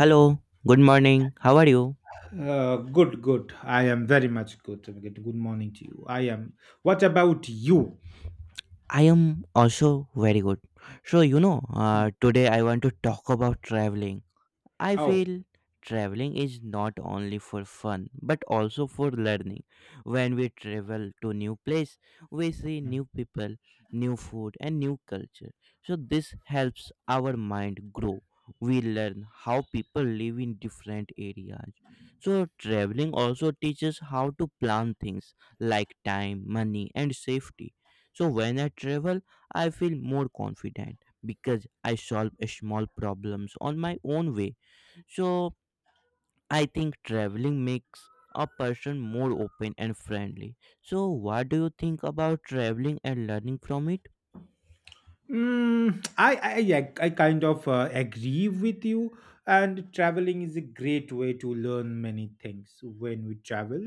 Hello, good morning. How are you? Good. I am very much good. Good morning to you. I am. What about you? I am also very good. So, you know, Hmm. today I want to talk about traveling. I Oh. feel traveling is not only for fun but also for learning. When we travel to new place, we see hmm. new people, new food and new culture. So this helps our mind grow. We learn how people live in different areas. So traveling also teaches how to plan things like time, money and safety. So when I travel, I feel more confident because I solve small problems on my own way, so I think traveling makes a person more open and friendly. So what do you think about traveling and learning from it? Mm, I, I I kind of agree with you. And traveling is a great way to learn many things. When we travel,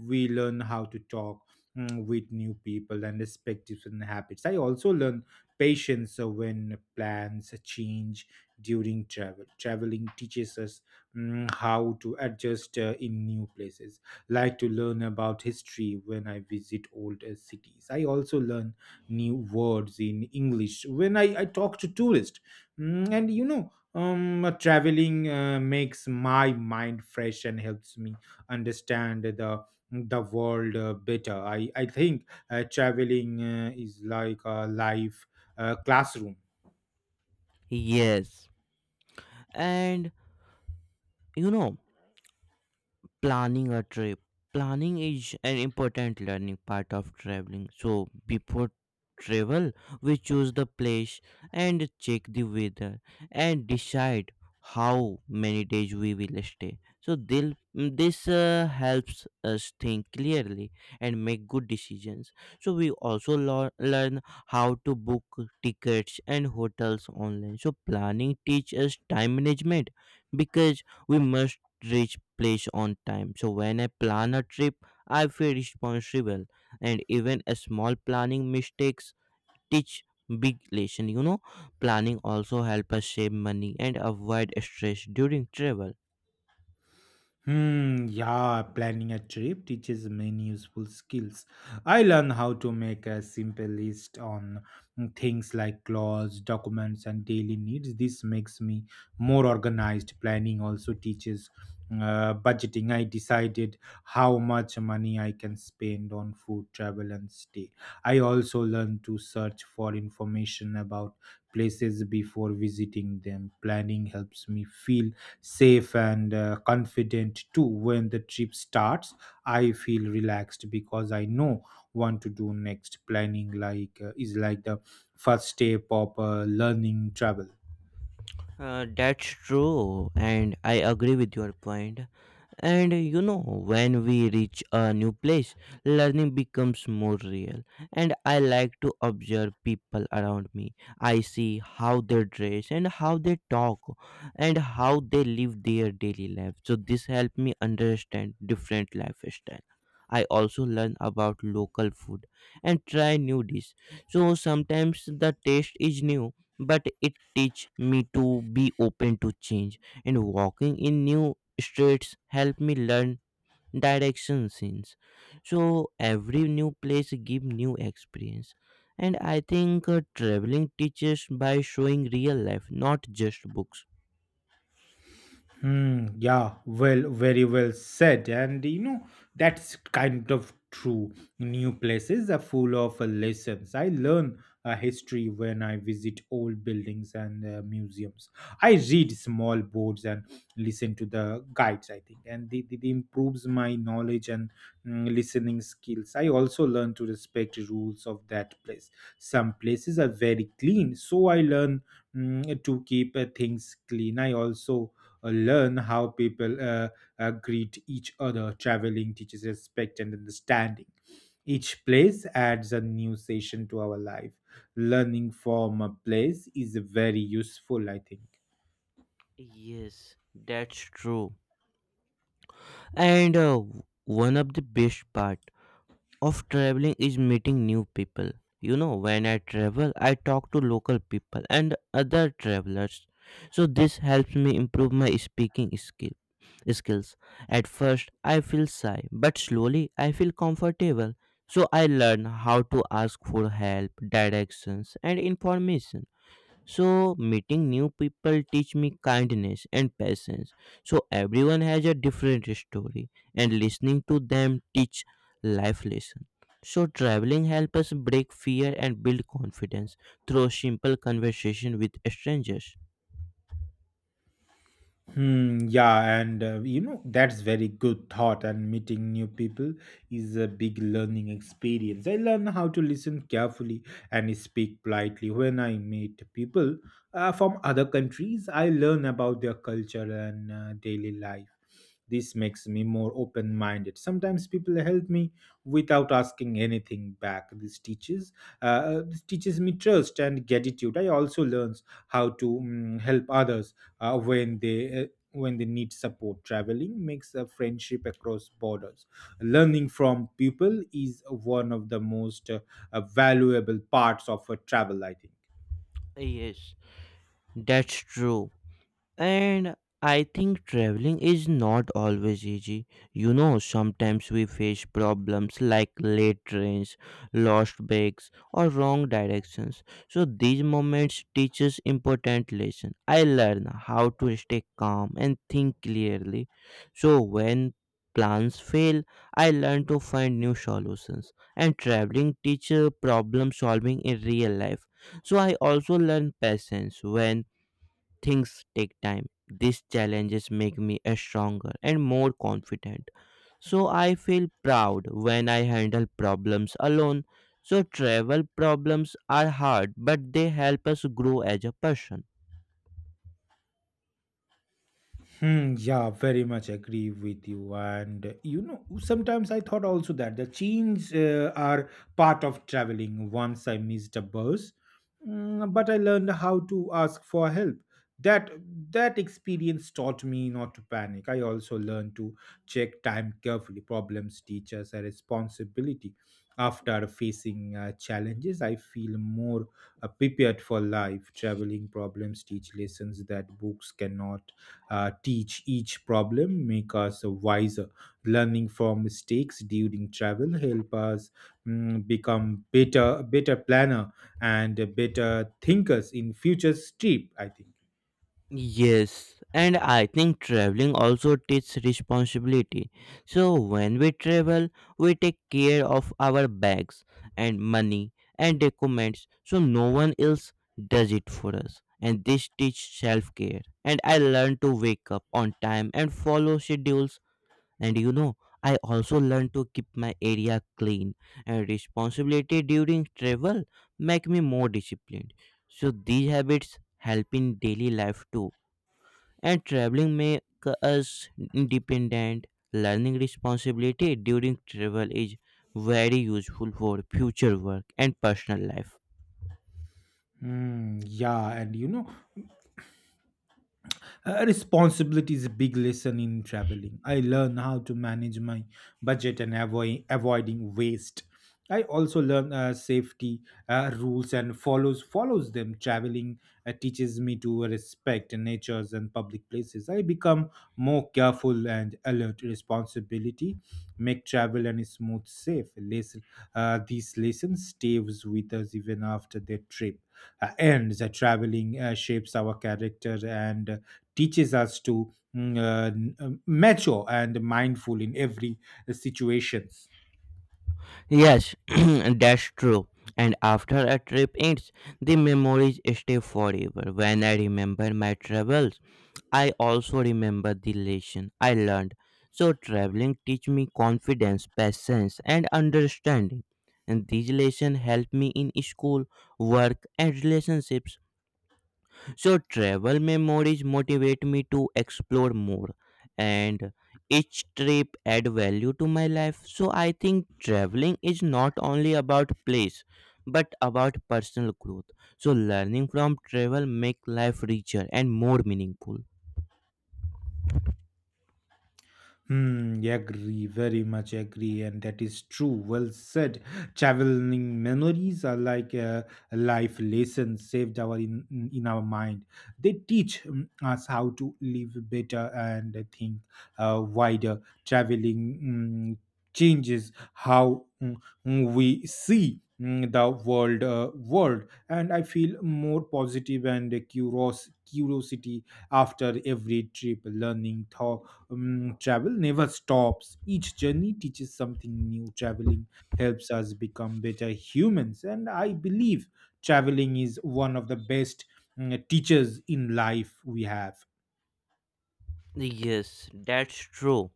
we learn how to talk, with new people, and respect different habits. I also learn patience when plans change during travel. Traveling teaches us, how to adjust in new places. Like to learn about history when I visit old cities. I also learn new words in English when I talk to tourists. Mm, and you know Traveling makes my mind fresh and helps me understand the world better. I think traveling is like a life classroom. Yes. And you know, planning a trip planning is an important learning part of traveling, so before travel we choose the place and check the weather and decide how many days we will stay, so this helps us think clearly and make good decisions, so we also learn how to book tickets and hotels online. So planning teaches us time management because we must reach place on time. So when I plan a trip, I feel responsible, and even a small planning mistakes teach big lesson. You know, planning also help us save money and avoid stress during travel. Hmm, yeah, planning a trip teaches many useful skills. I learned how to make a simple list on, things like clothes, documents, and daily needs. This makes me more organized. Planning also teaches budgeting. I decided how much money I can spend on food, travel, and stay. I also learned to search for information about places before visiting them. Planning helps me feel safe and confident too. When the trip starts, I feel relaxed because I know what to do next. Planning like is like the first step of learning travel. That's true, and I agree with your point. And you know, when we reach a new place, learning becomes more real. And I like to observe people around me. I see how they dress and how they talk and how they live their daily life. So this helped me understand different lifestyle. I also learn about local food and try new dish. So sometimes the taste is new, but it teach me to be open to change, and walking in new streets help me learn direction since, so every new place give new experience, and I think traveling teaches by showing real life, not just books. Hmm, yeah, well, very well said. And you know, that's kind of true. New places are full of lessons. I learn history when I visit old buildings and museums. I read small boards and listen to the guides, I think, and it improves my knowledge and, listening skills. I also learn to respect rules of that place. Some places are very clean, so I learn, to keep things clean. I also learn how people greet each other. Traveling teaches respect and understanding. Each place adds a new session to our life. Learning from a place is very useful, I think. Yes, that's true. And one of the best part of traveling is meeting new people. You know, when I travel, I talk to local people and other travelers. So this helps me improve my speaking skill skills. At first, I feel shy, but slowly I feel comfortable. So I learn how to ask for help, directions, and information. So, meeting new people teach me kindness and patience. So, everyone has a different story, and listening to them teach life lesson. So, traveling helps us break fear and build confidence through simple conversation with strangers. Hmm, yeah, and you know, that's very good thought. And meeting new people is a big learning experience. I learn how to listen carefully and speak politely when I meet people from other countries. I learn about their culture and daily life. This makes me more open minded. Sometimes people help me without asking anything back. This teaches, this teaches me trust and gratitude. I also learns how to, help others uh, when they uh, when they need support. Traveling makes a friendship across borders. Learning from people is one of the most valuable parts of a travel. I think. Yes, that's true. And I think traveling is not always easy. You know, sometimes we face problems like late trains, lost bags, or wrong directions. So these moments teach us important lesson. I learn how to stay calm and think clearly. So when plans fail, I learn to find new solutions. And traveling teaches problem solving in real life. So I also learn patience when things take time. These challenges make me a stronger and more confident. So I feel proud when I handle problems alone. So travel problems are hard, but they help us grow as a person. Hmm, yeah, very much agree with you. And you know, sometimes I thought also that the chains are part of traveling. Once I missed a bus, but I learned how to ask for help. That that experience taught me not to panic. I also learned to check time carefully. Problems teach us a responsibility. After facing challenges, I feel more prepared for life. Traveling problems teach lessons that books cannot teach. Each problem, make us wiser. Learning from mistakes during travel help us, become better, better planner and better thinkers in future trip. I think. Yes, and I think traveling also teaches responsibility. So when we travel, we take care of our bags and money and documents, so no one else does it for us. And this teaches self care. And I learn to wake up on time and follow schedules. And you know, I also learn to keep my area clean. And responsibility during travel make me more disciplined. So these habits help in daily life too, and traveling makes us independent. Learning responsibility during travel is very useful for future work and personal life. Yeah, and you know, responsibility is a big lesson in traveling. I learn how to manage my budget and avoid avoiding waste. I also learn safety rules and follows follows them. Traveling teaches me to respect natures and public places. I become more careful and alert. Responsibility make travel and smooth safe. Less, these lessons stays with us even after the trip ends. Traveling shapes our character and teaches us to, mature and mindful in every situations. Yes, that's true. And after a trip ends, the memories stay forever. When I remember my travels, I also remember the lesson I learned. So traveling teach me confidence, patience, and understanding. And these lessons help me in school, work, and relationships. So travel memories motivate me to explore more, and each trip add value to my life. So I think traveling is not only about place but about personal growth. So learning from travel make life richer and more meaningful. Hmm, agree, very much agree, and that is true. Well said. Traveling memories are like life lessons saved our in our mind. They teach us how to live better, and I think wider. Traveling, changes how, we see, the world, and I feel more positive and curious, curiosity after every trip. Learning thought travel never stops. Each journey teaches something new. Traveling helps us become better humans. And I believe traveling is one of the best, teachers in life we have. Yes, that's true.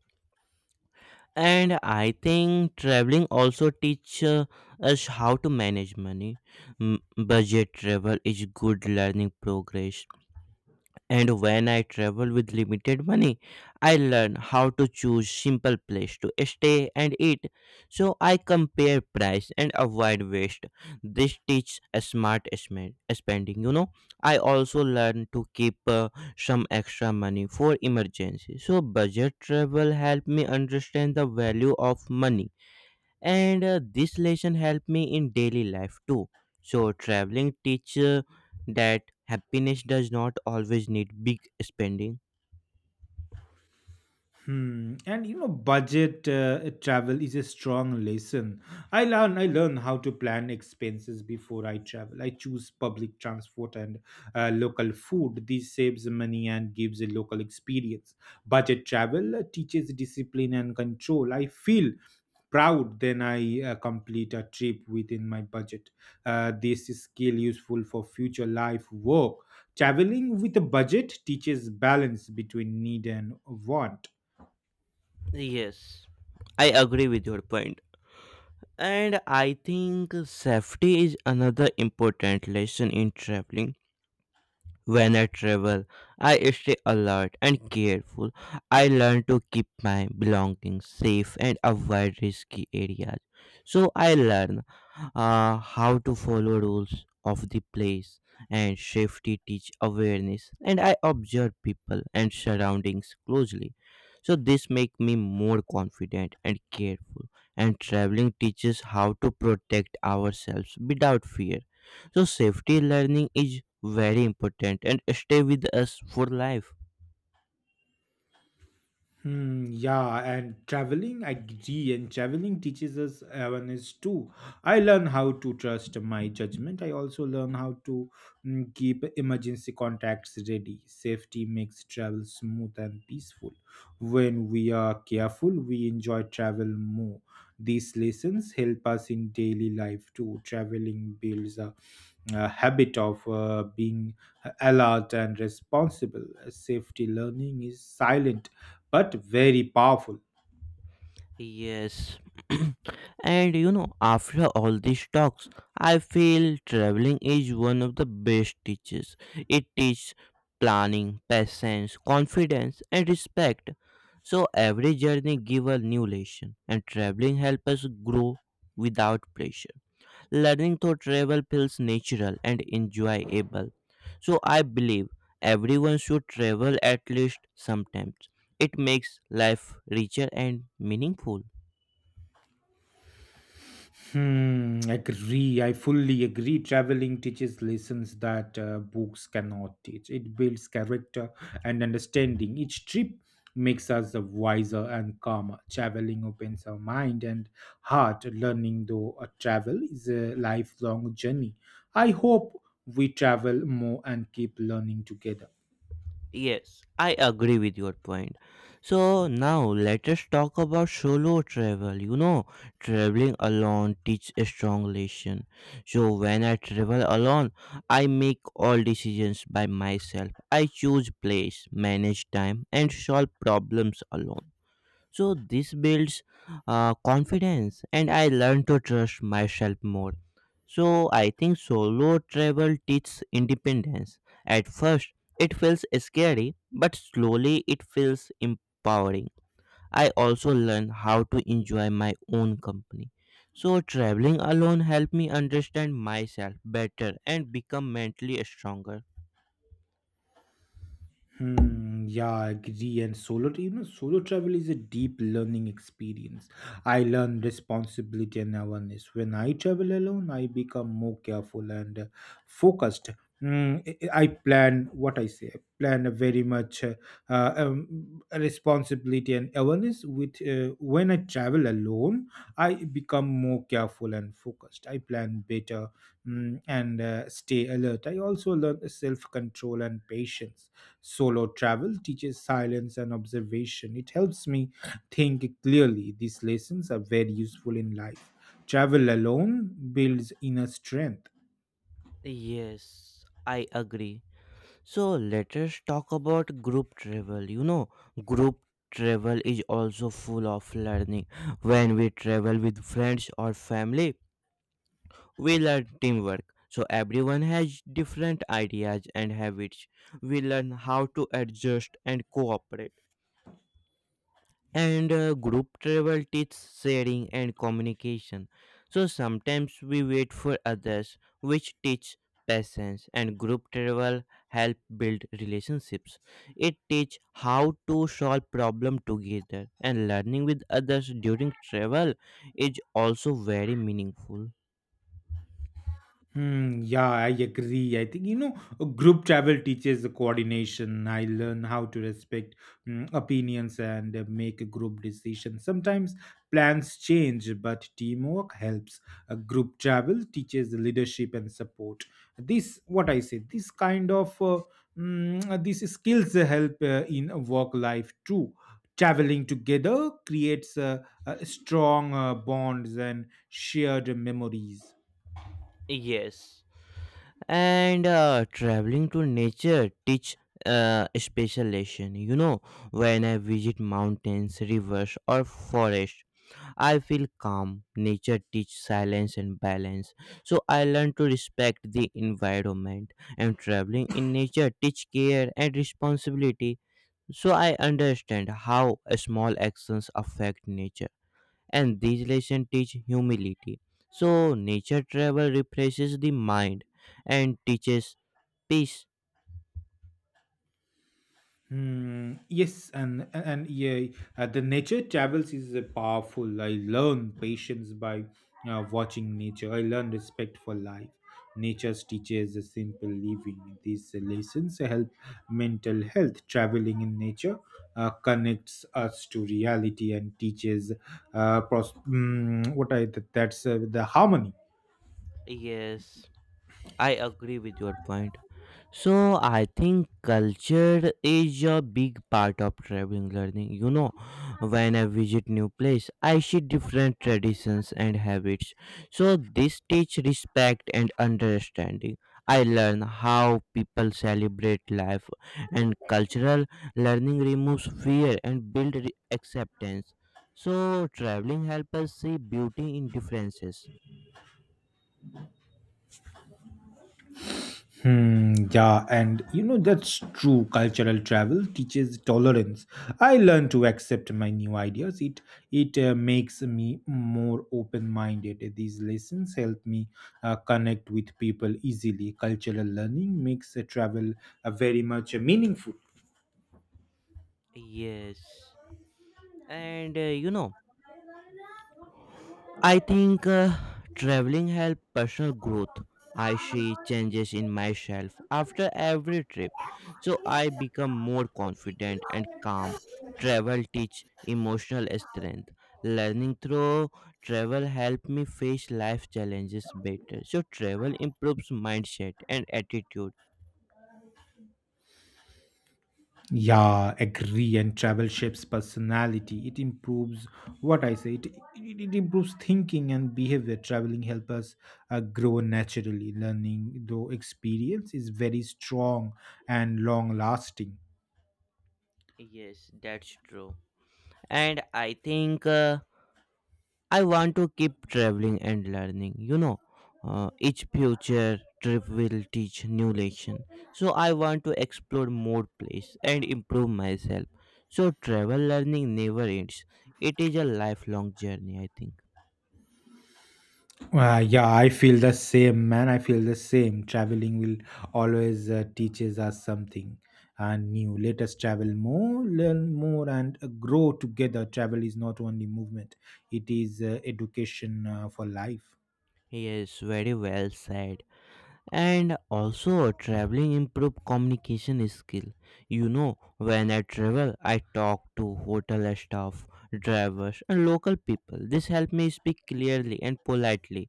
And I think traveling also teach us how to manage money. Budget travel is good learning progress. And when I travel with limited money, I learn how to choose simple place to stay and eat. So I compare price and avoid waste. This teaches a smart spending. You know, I also learn to keep some extra money for emergency. So budget travel help me understand the value of money, and this lesson helped me in daily life too. So traveling teaches that happiness does not always need big spending. Hmm. And you know, budget travel is a strong lesson. I learn how to plan expenses before I travel. I choose public transport and local food. This saves money and gives a local experience. Budget travel teaches discipline and control. I feel proud then I complete a trip within my budget. This is skill useful for future life work. Traveling with a budget teaches balance between need and want. Yes, I agree with your point. And I think safety is another important lesson in traveling. When I travel, I stay alert and careful. I learn to keep my belongings safe and avoid risky areas. So I learn how to follow rules of the place, and safety teach awareness, and I observe people and surroundings closely. So this make me more confident and careful, and traveling teaches how to protect ourselves without fear. So safety learning is very important and stay with us for life. Hmm, yeah, and traveling, I agree, and traveling teaches us awareness too. I learn how to trust my judgment. I also learn how to, keep emergency contacts ready. Safety makes travel smooth and peaceful. When we are careful, we enjoy travel more. These lessons help us in daily life too. Traveling builds a habit of being alert and responsible. Safety learning is silent but very powerful. Yes. And you know, after all these talks, I feel traveling is one of the best teachers. It teaches planning, patience, confidence and respect. So every journey give a new lesson, and traveling helps us grow without pressure. Learning through travel feels natural and enjoyable. So I believe everyone should travel at least sometimes. It makes life richer and meaningful. Hmm, agree. I fully agree. Traveling teaches lessons that books cannot teach. It builds character and understanding. Each trip makes us wiser and calmer. Traveling opens our mind and heart. Learning, though, a travel is a lifelong journey. I hope we travel more and keep learning together. Yes, I agree with your point. So now let us talk about solo travel. You know, traveling alone teach a strong lesson. So when I travel alone, I make all decisions by myself. I choose place, manage time and solve problems alone. So this builds confidence, and I learn to trust myself more. So I think solo travel teaches independence. At first, it feels scary, but slowly it feels empowering. I also learn how to enjoy my own company. So traveling alone helped me understand myself better and become mentally stronger. Hmm, yeah, I agree. And solo, you know, solo travel is a deep learning experience. I learn responsibility and awareness. When I travel alone, I become more careful and focused. Mm, I- plan what I say. I plan a very much Responsibility and awareness. With When I travel alone, I become more careful and focused. I plan better, and stay alert. I also learn self control and patience. Solo travel teaches silence and observation. It helps me think clearly. These lessons are very useful in life. Travel alone builds inner strength. Yes, I agree. So let us talk about group travel. You know, group travel is also full of learning. When we travel with friends or family, we learn teamwork. So everyone has different ideas and habits. We learn how to adjust and cooperate, and group travel teaches sharing and communication. So sometimes we wait for others, which teach patience, and group travel help build relationships. It teach how to solve problem together, and learning with others during travel is also very meaningful. Hmm, yeah, I agree. I think, you know, group travel teaches the coordination. I learn how to respect, opinions and make a group decision. Sometimes plans change, but teamwork helps. A group travel teaches the leadership and support. This, what I say, this kind of, these skills help in work life too. Traveling together creates strong bonds and shared memories. Yes, and traveling to nature teach special lesson. You know, when I visit mountains, rivers, or forest. I feel calm. Nature teach silence and balance. So I learn to respect the environment, and traveling in nature teach care and responsibility. So I understand how small actions affect nature, and these lessons teach humility. So nature travel refreshes the mind and teaches peace. Hmm, yes, and yeah, the nature travels is powerful. I learn patience by watching nature. I learn respect for life. Nature teaches a simple living. These lessons help mental health. Traveling in nature connects us to reality and teaches, pros- mm, what I that's the harmony. Yes, I agree with your point. So I think culture is a big part of traveling learning. You know, when I visit new place, I see different traditions and habits. So this teach respect and understanding. I learn how people celebrate life, and cultural learning removes fear and build acceptance. So traveling helps us see beauty in differences. Hmm, yeah, and you know that's true. Cultural travel teaches tolerance. I learn to accept my new ideas. It makes me more open-minded. These lessons help me connect with people easily. Cultural learning makes travel very much meaningful. Yes. And you know, I think traveling helps personal growth. I see changes in myself after every trip, so I become more confident and calm. Travel teach emotional strength. Learning through travel help me face life challenges better. So travel improves mindset and attitude. Yeah, agree. And travel shapes personality. It improves what I say. It improves thinking and behavior. Traveling help us grow naturally. Learning though experience is very strong and long lasting. Yes, that's true. And I think. I want to keep traveling and learning. You know, each future trip will teach new lesson. So I want to explore more place and improve myself. So travel learning never ends. It is a lifelong journey, I think. Yeah, I feel the same, man. I feel the same. Traveling will always teaches us something new. Let us travel more, learn more, and grow together. Travel is not only movement; it is education for life. Yes, very well said. And also traveling improve communication skill. You know, when I travel I talk to hotel staff, drivers and local people. This help me speak clearly and politely.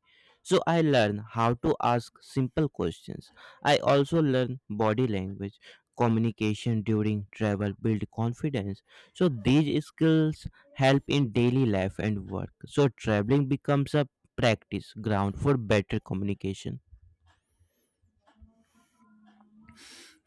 So I learn how to ask simple questions. I also learn body language. Communication during travel build confidence, so these skills help in daily life and work. So traveling becomes a practice ground for better communication.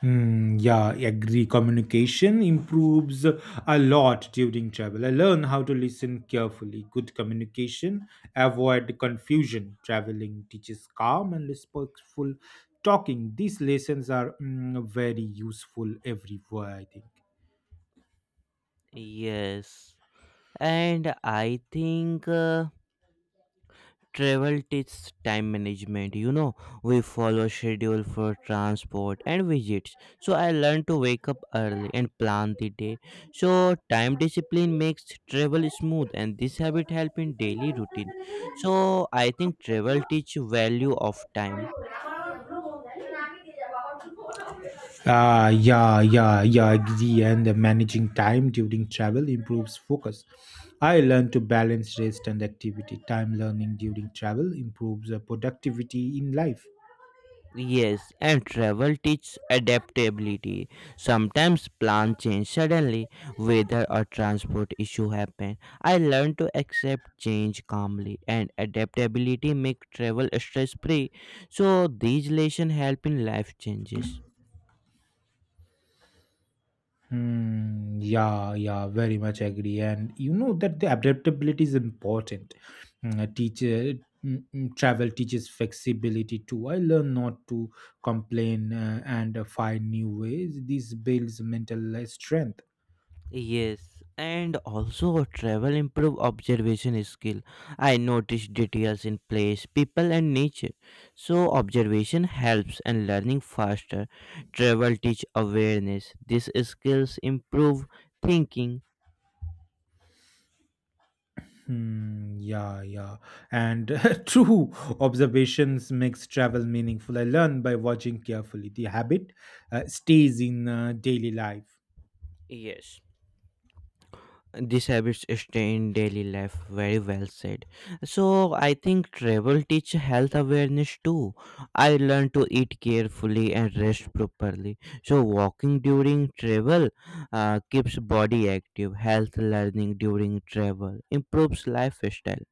Hmm. Yeah, I agree. Communication improves a lot during travel. I learn how to listen carefully. Good communication, avoid confusion. Traveling teaches calm and respectful talking. These lessons are, very useful everywhere, I think. Yes. And I think travel teaches time management. You know, we follow schedule for transport and visits. So I learned to wake up early and plan the day. So time discipline makes travel smooth, and this habit help in daily routine. So I think travel teach value of time. Ah, yeah, yeah, yeah. Agree, and the managing time during travel improves focus. I learn to balance rest and activity. Time learning during travel improves productivity in life. Yes, and travel teaches adaptability. Sometimes plans change suddenly, weather or transport issue happen. I learned to accept change calmly, and adaptability make travel stress free. So these lessons help in life changes. Hmm, yeah, yeah, very much agree. And you know that the adaptability is important. Mm, a teacher mm, mm, Travel teaches flexibility too. I learn not to complain and find new ways. This builds mental strength. Yes, and also travel improve observation skill. I notice details in place, people and nature. So observation helps and learning faster. Travel teach awareness. These skills improve thinking. Hmm, yeah, yeah. And true, observations makes travel meaningful. I learn by watching carefully. The habit stays in daily life. Yes. These habits stay in daily life. Very well said. So I think travel teach health awareness too. I learn to eat carefully and rest properly. So walking during travel keeps body active. Health learning during travel improves lifestyle.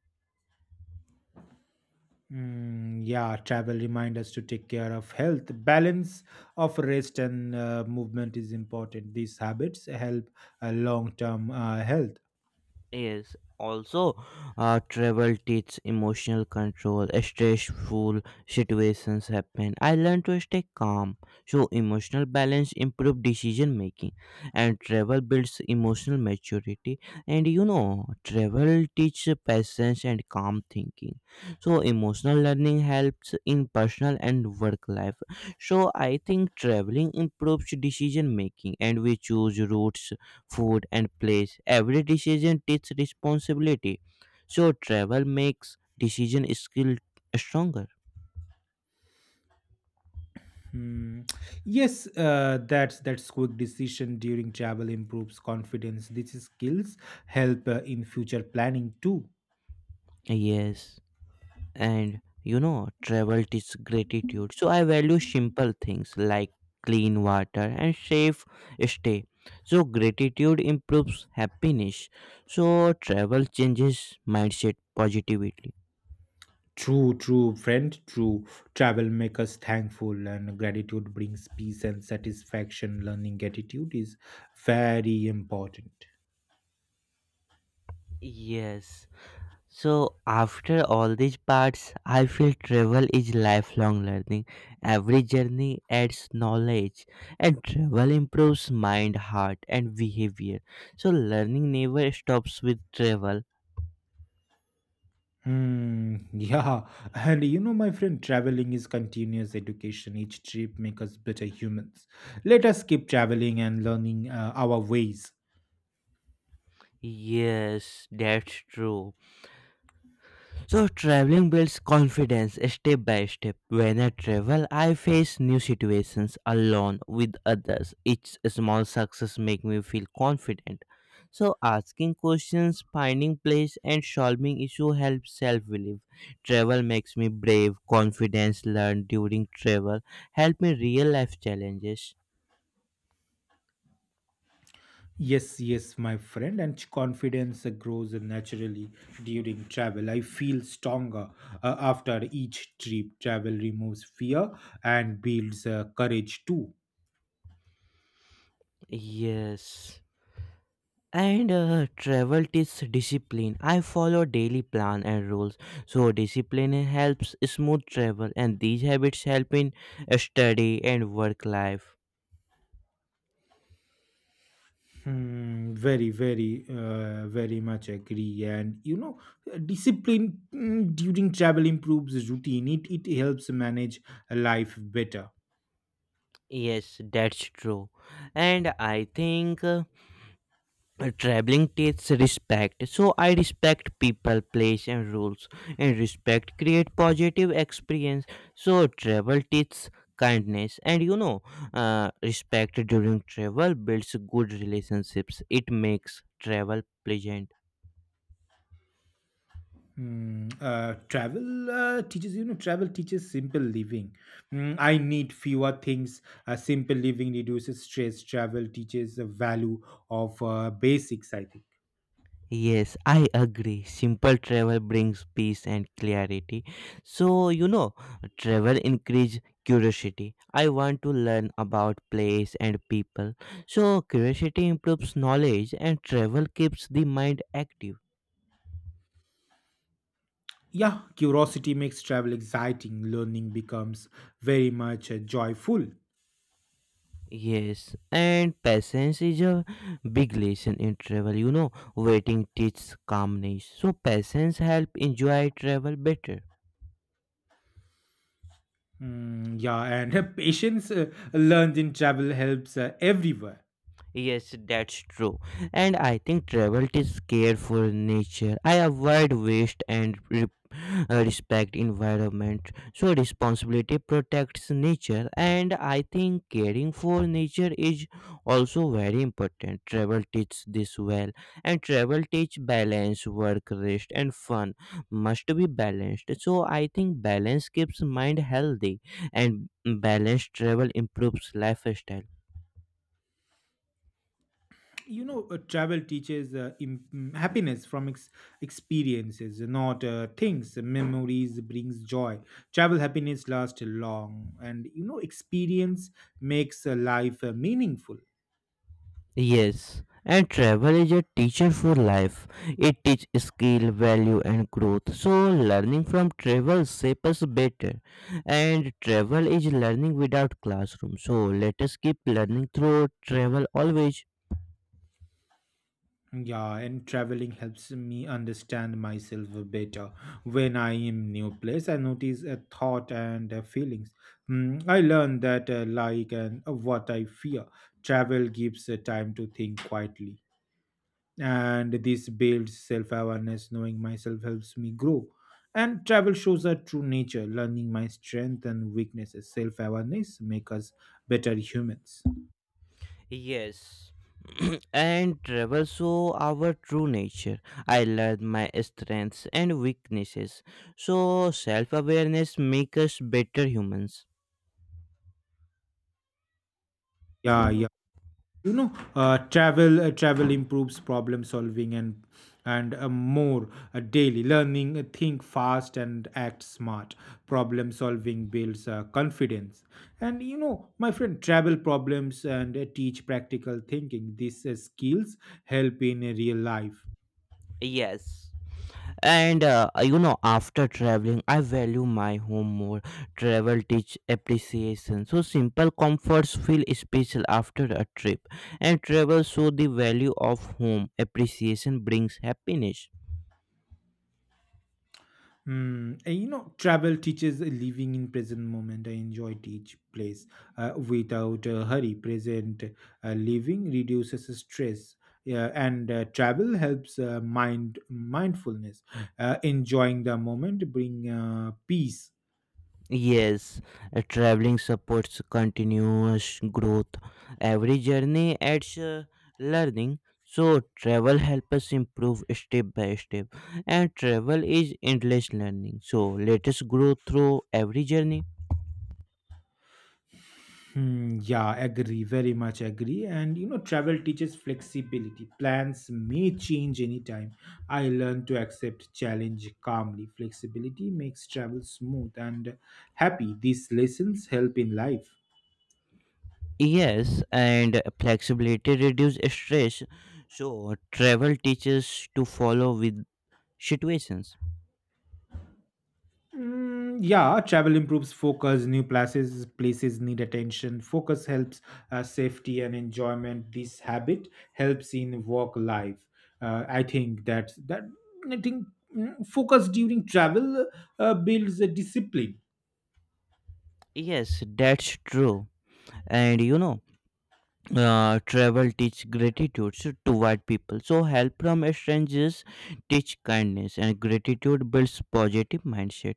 Yeah, travel remind us to take care of health. Balance of rest and movement is important. These habits help long-term health. Is also travel teaches emotional control. Stressful situations happen. I learned to stay calm. So emotional balance improve decision making, and travel builds emotional maturity. And you know, travel teaches patience and calm thinking. So emotional learning helps in personal and work life. So I think traveling improves decision making, and we choose routes, food, and place. Every decision takes responsibility. So travel makes decision skill stronger. Hmm. Yes, that's quick decision during travel improves confidence. These skills help in future planning too. Yes, and you know, travel teaches gratitude. So I value simple things like clean water and safe stay. So gratitude improves happiness. So travel changes mindset positively. True, true, friend, true. Travel makes us thankful, and gratitude brings peace and satisfaction. Learning gratitude is very important. Yes. So after all these parts, I feel travel is lifelong learning. Every journey adds knowledge, and travel improves mind, heart, and behavior. So learning never stops with travel. Hmm. Yeah, and you know, my friend, traveling is continuous education. Each trip makes us better humans. Let us keep traveling and learning our ways. Yes, that's true. So traveling builds confidence step by step. When I travel, I face new situations alone with others. Each small success make me feel confident. So asking questions, finding place and solving issue helps self-belief. Travel makes me brave. Confidence learned during travel help me real life challenges. Yes, yes, my friend, and confidence grows naturally during travel. I feel stronger after each trip. Travel removes fear and builds courage too. Yes. And travel teaches discipline. I follow daily plan and rules. So discipline helps smooth travel, and these habits help in study and work life. Hmm, very much agree. And you know, discipline during travel improves routine. It helps manage life better. Yes, that's true. And I think traveling takes respect. So I respect people, place and rules, and respect create positive experience. So travel teaches kindness. And you know, respect during travel builds good relationships. It makes travel pleasant. Hmm. Travel teaches simple living. Mm, I need fewer things. Simple living reduces stress. Travel teaches the value of basics, I think. Yes, I agree. Simple travel brings peace and clarity. So, you know, travel increase curiosity. I want to learn about place and people. So, curiosity improves knowledge and travel keeps the mind active. Yeah, curiosity makes travel exciting. Learning becomes very much joyful. Yes, and patience is a big lesson in travel. You know, waiting teaches calmness. So, patience help enjoy travel better. Mm, yeah, and patience learned in travel helps everywhere. Yes, that's true. And I think travel is care for nature. I avoid waste and respect environment. So responsibility protects nature, and I think caring for nature is also very important. Travel teaches this well. And travel teach balance. Work, rest and fun must be balanced. So I think balance keeps mind healthy, and balanced travel improves lifestyle. You know, travel teaches im- mm, happiness from experiences, not things. Memories brings joy. Travel happiness lasts long, and you know, experience makes life meaningful. Yes, and travel is a teacher for life. It teaches skill, value, and growth. So, learning from travel shapes us better. And travel is learning without classroom. So, let us keep learning through travel always. Yeah, and traveling helps me understand myself better. When I am new place, I notice a thought and feelings. Mm, I learn that like and what I fear. Travel gives time to think quietly, and this builds self-awareness. Knowing myself helps me grow, and travel shows our true nature. Learning my strength and weaknesses, self-awareness make us better humans. Yes. And travel show our true nature. I learn my strengths and weaknesses. So self awareness makes us better humans. Yeah, yeah. You know, travel improves problem solving, and more daily learning. Think fast and act smart. Problem solving builds confidence. And you know, my friend, travel problems and teach practical thinking. These skills help in real life. Yes. And you know, after traveling I value my home more. Travel teach appreciation. So simple comforts feel special after a trip, and travel show the value of home. Appreciation brings happiness. Hmm. You know, travel teaches a living in present moment. I enjoyed each place without a hurry. Present living reduces stress, yeah, and travel helps mind mindfulness. Enjoying the moment bring peace. Yes. Traveling supports continuous growth. Every journey adds learning. So travel helps us improve step by step, and travel is endless learning. So let us grow through every journey. Hmm, yeah, agree, very much agree. And you know, travel teaches flexibility. Plans may change anytime. I learn to accept challenge calmly. Flexibility makes travel smooth and happy. These lessons help in life. Yes, and flexibility reduce stress. So travel teaches to follow with situations. Mm, yeah, travel improves focus. New places need attention. Focus helps safety and enjoyment. This habit helps in work life. I think that that I think mm, Focus during travel builds a discipline. Yes, that's true. And you know, travel teach gratitude so toward people. So help from strangers teach kindness, and gratitude builds positive mindset.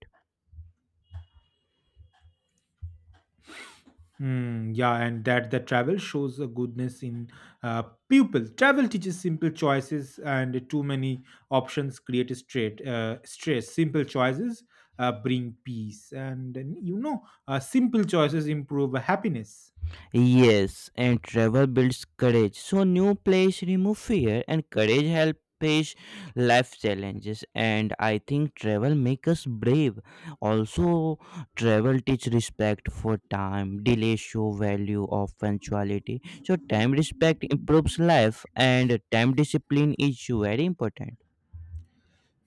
Mm, yeah, and that the travel shows a goodness in uh, people. Travel teaches simple choices, and too many options create a straight stress. Simple choices bring peace, and you know, simple choices improve happiness. Yes, and travel builds courage. So new place remove fear, and courage help face life challenges, and I think travel make us brave. Also travel teach respect for time. Delay show value of punctuality. So time respect improves life, and time discipline is very important.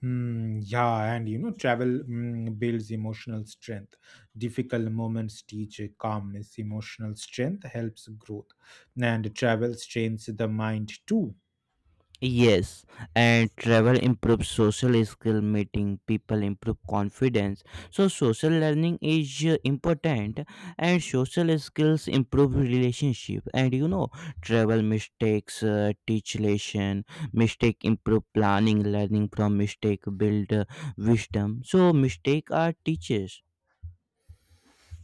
Mm, yeah, and you know, travel builds emotional strength. Difficult moments teach a calmness. Emotional strength helps growth, and travel strains the mind too. Yes, and travel improves social skill. Meeting people improve confidence. So social learning is important, and social skills improve relationship. And you know, travel mistakes teach lesson. Mistake improve planning. Learning from mistake build wisdom. So mistake are teachers.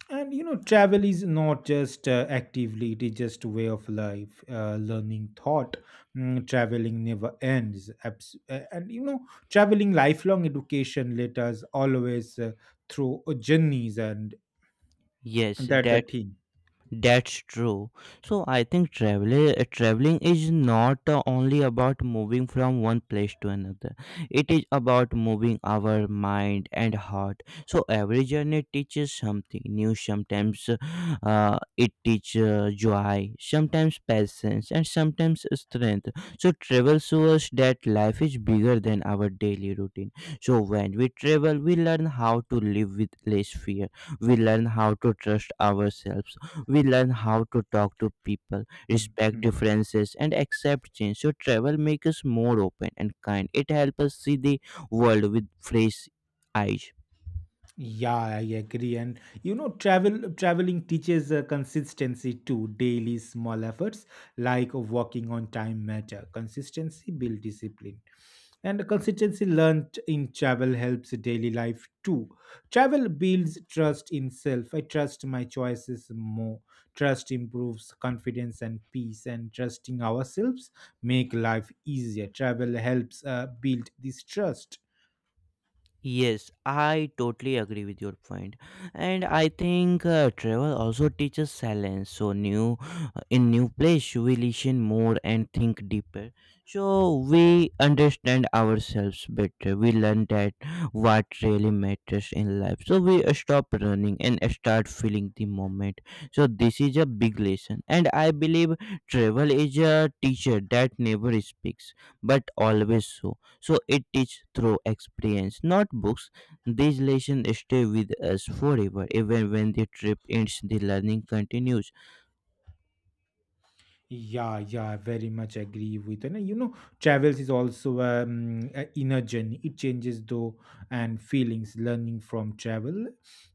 And you know, travel is not just actively, it is just a way of life, learning thought. Mm, traveling never ends. And you know, traveling lifelong education, let us always through journeys and Yes, that the that's thing. That's true. So I think traveling is not only about moving from one place to another. It is about moving our mind and heart. So every journey teaches something new. Sometimes it teaches joy, sometimes patience, and sometimes strength. So travel shows us that life is bigger than our daily routine. So when we travel, we learn how to live with less fear. We learn how to trust ourselves. We learn how to talk to people, Mm, respect mm. differences, and accept change. So travel makes us more open and kind. It helps us see the world with fresh eyes. Yeah, I agree. And you know, travel traveling teaches consistency too. Daily small efforts like walking on time matter. Consistency build discipline. And consistency learned in travel helps daily life too. Travel builds trust in self. I trust my choices more. Trust improves confidence and peace, and trusting ourselves make life easier. Travel helps build this trust. Yes, I totally agree with your point, and I think travel also teaches silence. So in new place, we listen more and think deeper. So we understand ourselves better. We learn that what really matters in life. So we stop running and start feeling the moment. So this is a big lesson, and I believe travel is a teacher that never speaks but always so. So it is through experience, not books. These lessons stay with us forever. Even when the trip ends, the learning continues. Yeah, yeah, I very much agree with, and you know, travels is also a inner journey. It changes though and feelings. Learning from travel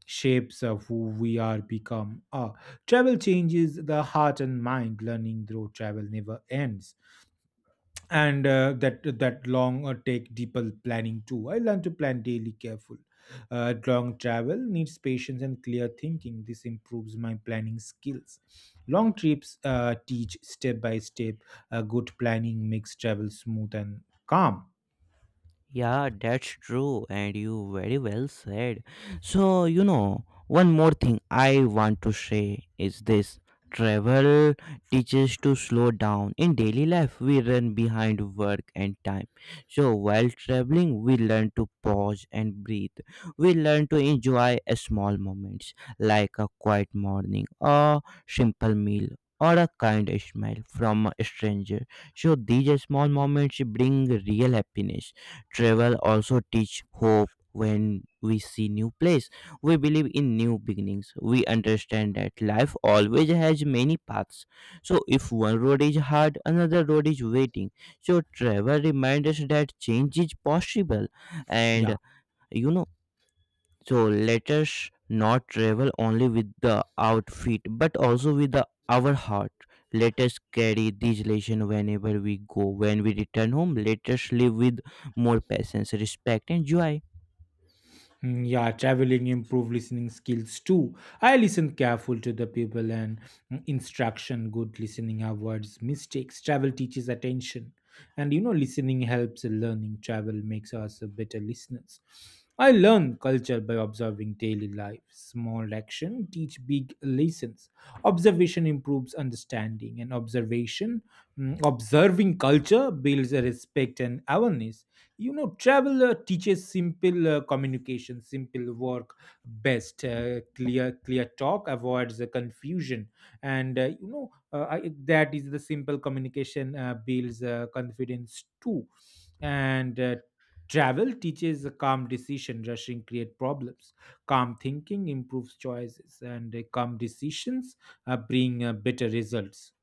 shapes of who we are become. Travel changes the heart and mind. Learning through travel never ends, and that that long or take deeper planning too. I learned to plan daily careful. Long travel needs patience and clear thinking. This improves my planning skills. Long trips teach step by step. Good planning makes travel smooth and calm. Yeah, that's true, and you very well said. So, you know, one more thing I want to say is this. Travel teaches to slow down. In daily life, we run behind work and time. So, while traveling, we learn to pause and breathe. We learn to enjoy a small moments like a quiet morning, a simple meal, or a kind smile from a stranger. So these small moments bring real happiness. Travel also teach hope. When we see new place, we believe in new beginnings. We understand that life always has many paths. So if one road is hard, another road is waiting. So travel reminds us that change is possible. Yeah. And you know, so let us not travel only with the outfit, but also with the, our heart. Let us carry this lesson whenever we go. When we return home, let us live with more patience, respect, and joy. Mm, yeah, traveling improve listening skills too. I listen careful to the people and instruction. Good listening avoids mistakes. Travel teaches attention. And you know, listening helps in learning. Travel makes us a better listeners. I learn culture by observing daily life. Small action teach big lessons. Observation improves understanding, and observing culture builds a respect and awareness. You know, travel teaches simple communication. Simple work best. Clear talk avoids the confusion. And you know, that is the simple communication builds confidence too. And Travel teaches a calm decision. Rushing create problems. Calm thinking improves choices, and calm decisions bring better results.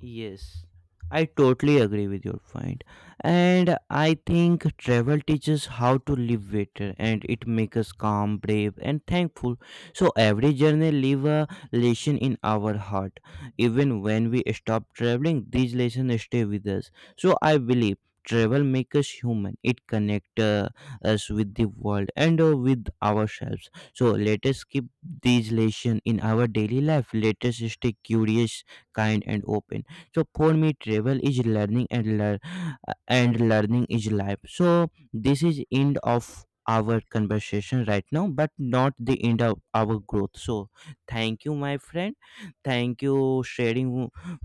Yes, I totally agree with your point. And I think travel teaches how to live better, and it makes us calm, brave, and thankful. So every journey leave a lesson in our heart. Even when we stop traveling, these lessons stay with us. So I believe travel makes us human. It connects us with the world and with ourselves. So let us keep these lessons in our daily life. Let us stay curious, kind, and open. So for me, travel is learning and learn, and learning is life. So this is end of our conversation right now, but not the end of our growth. So thank you, my friend. Thank you sharing,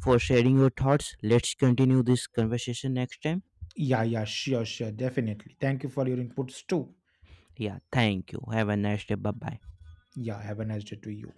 for sharing your thoughts. Let's continue this conversation next time. Yeah, yeah, sure definitely, thank you for your inputs too. Yeah, thank you. Have a nice day. Bye bye. Yeah, have a nice day to you.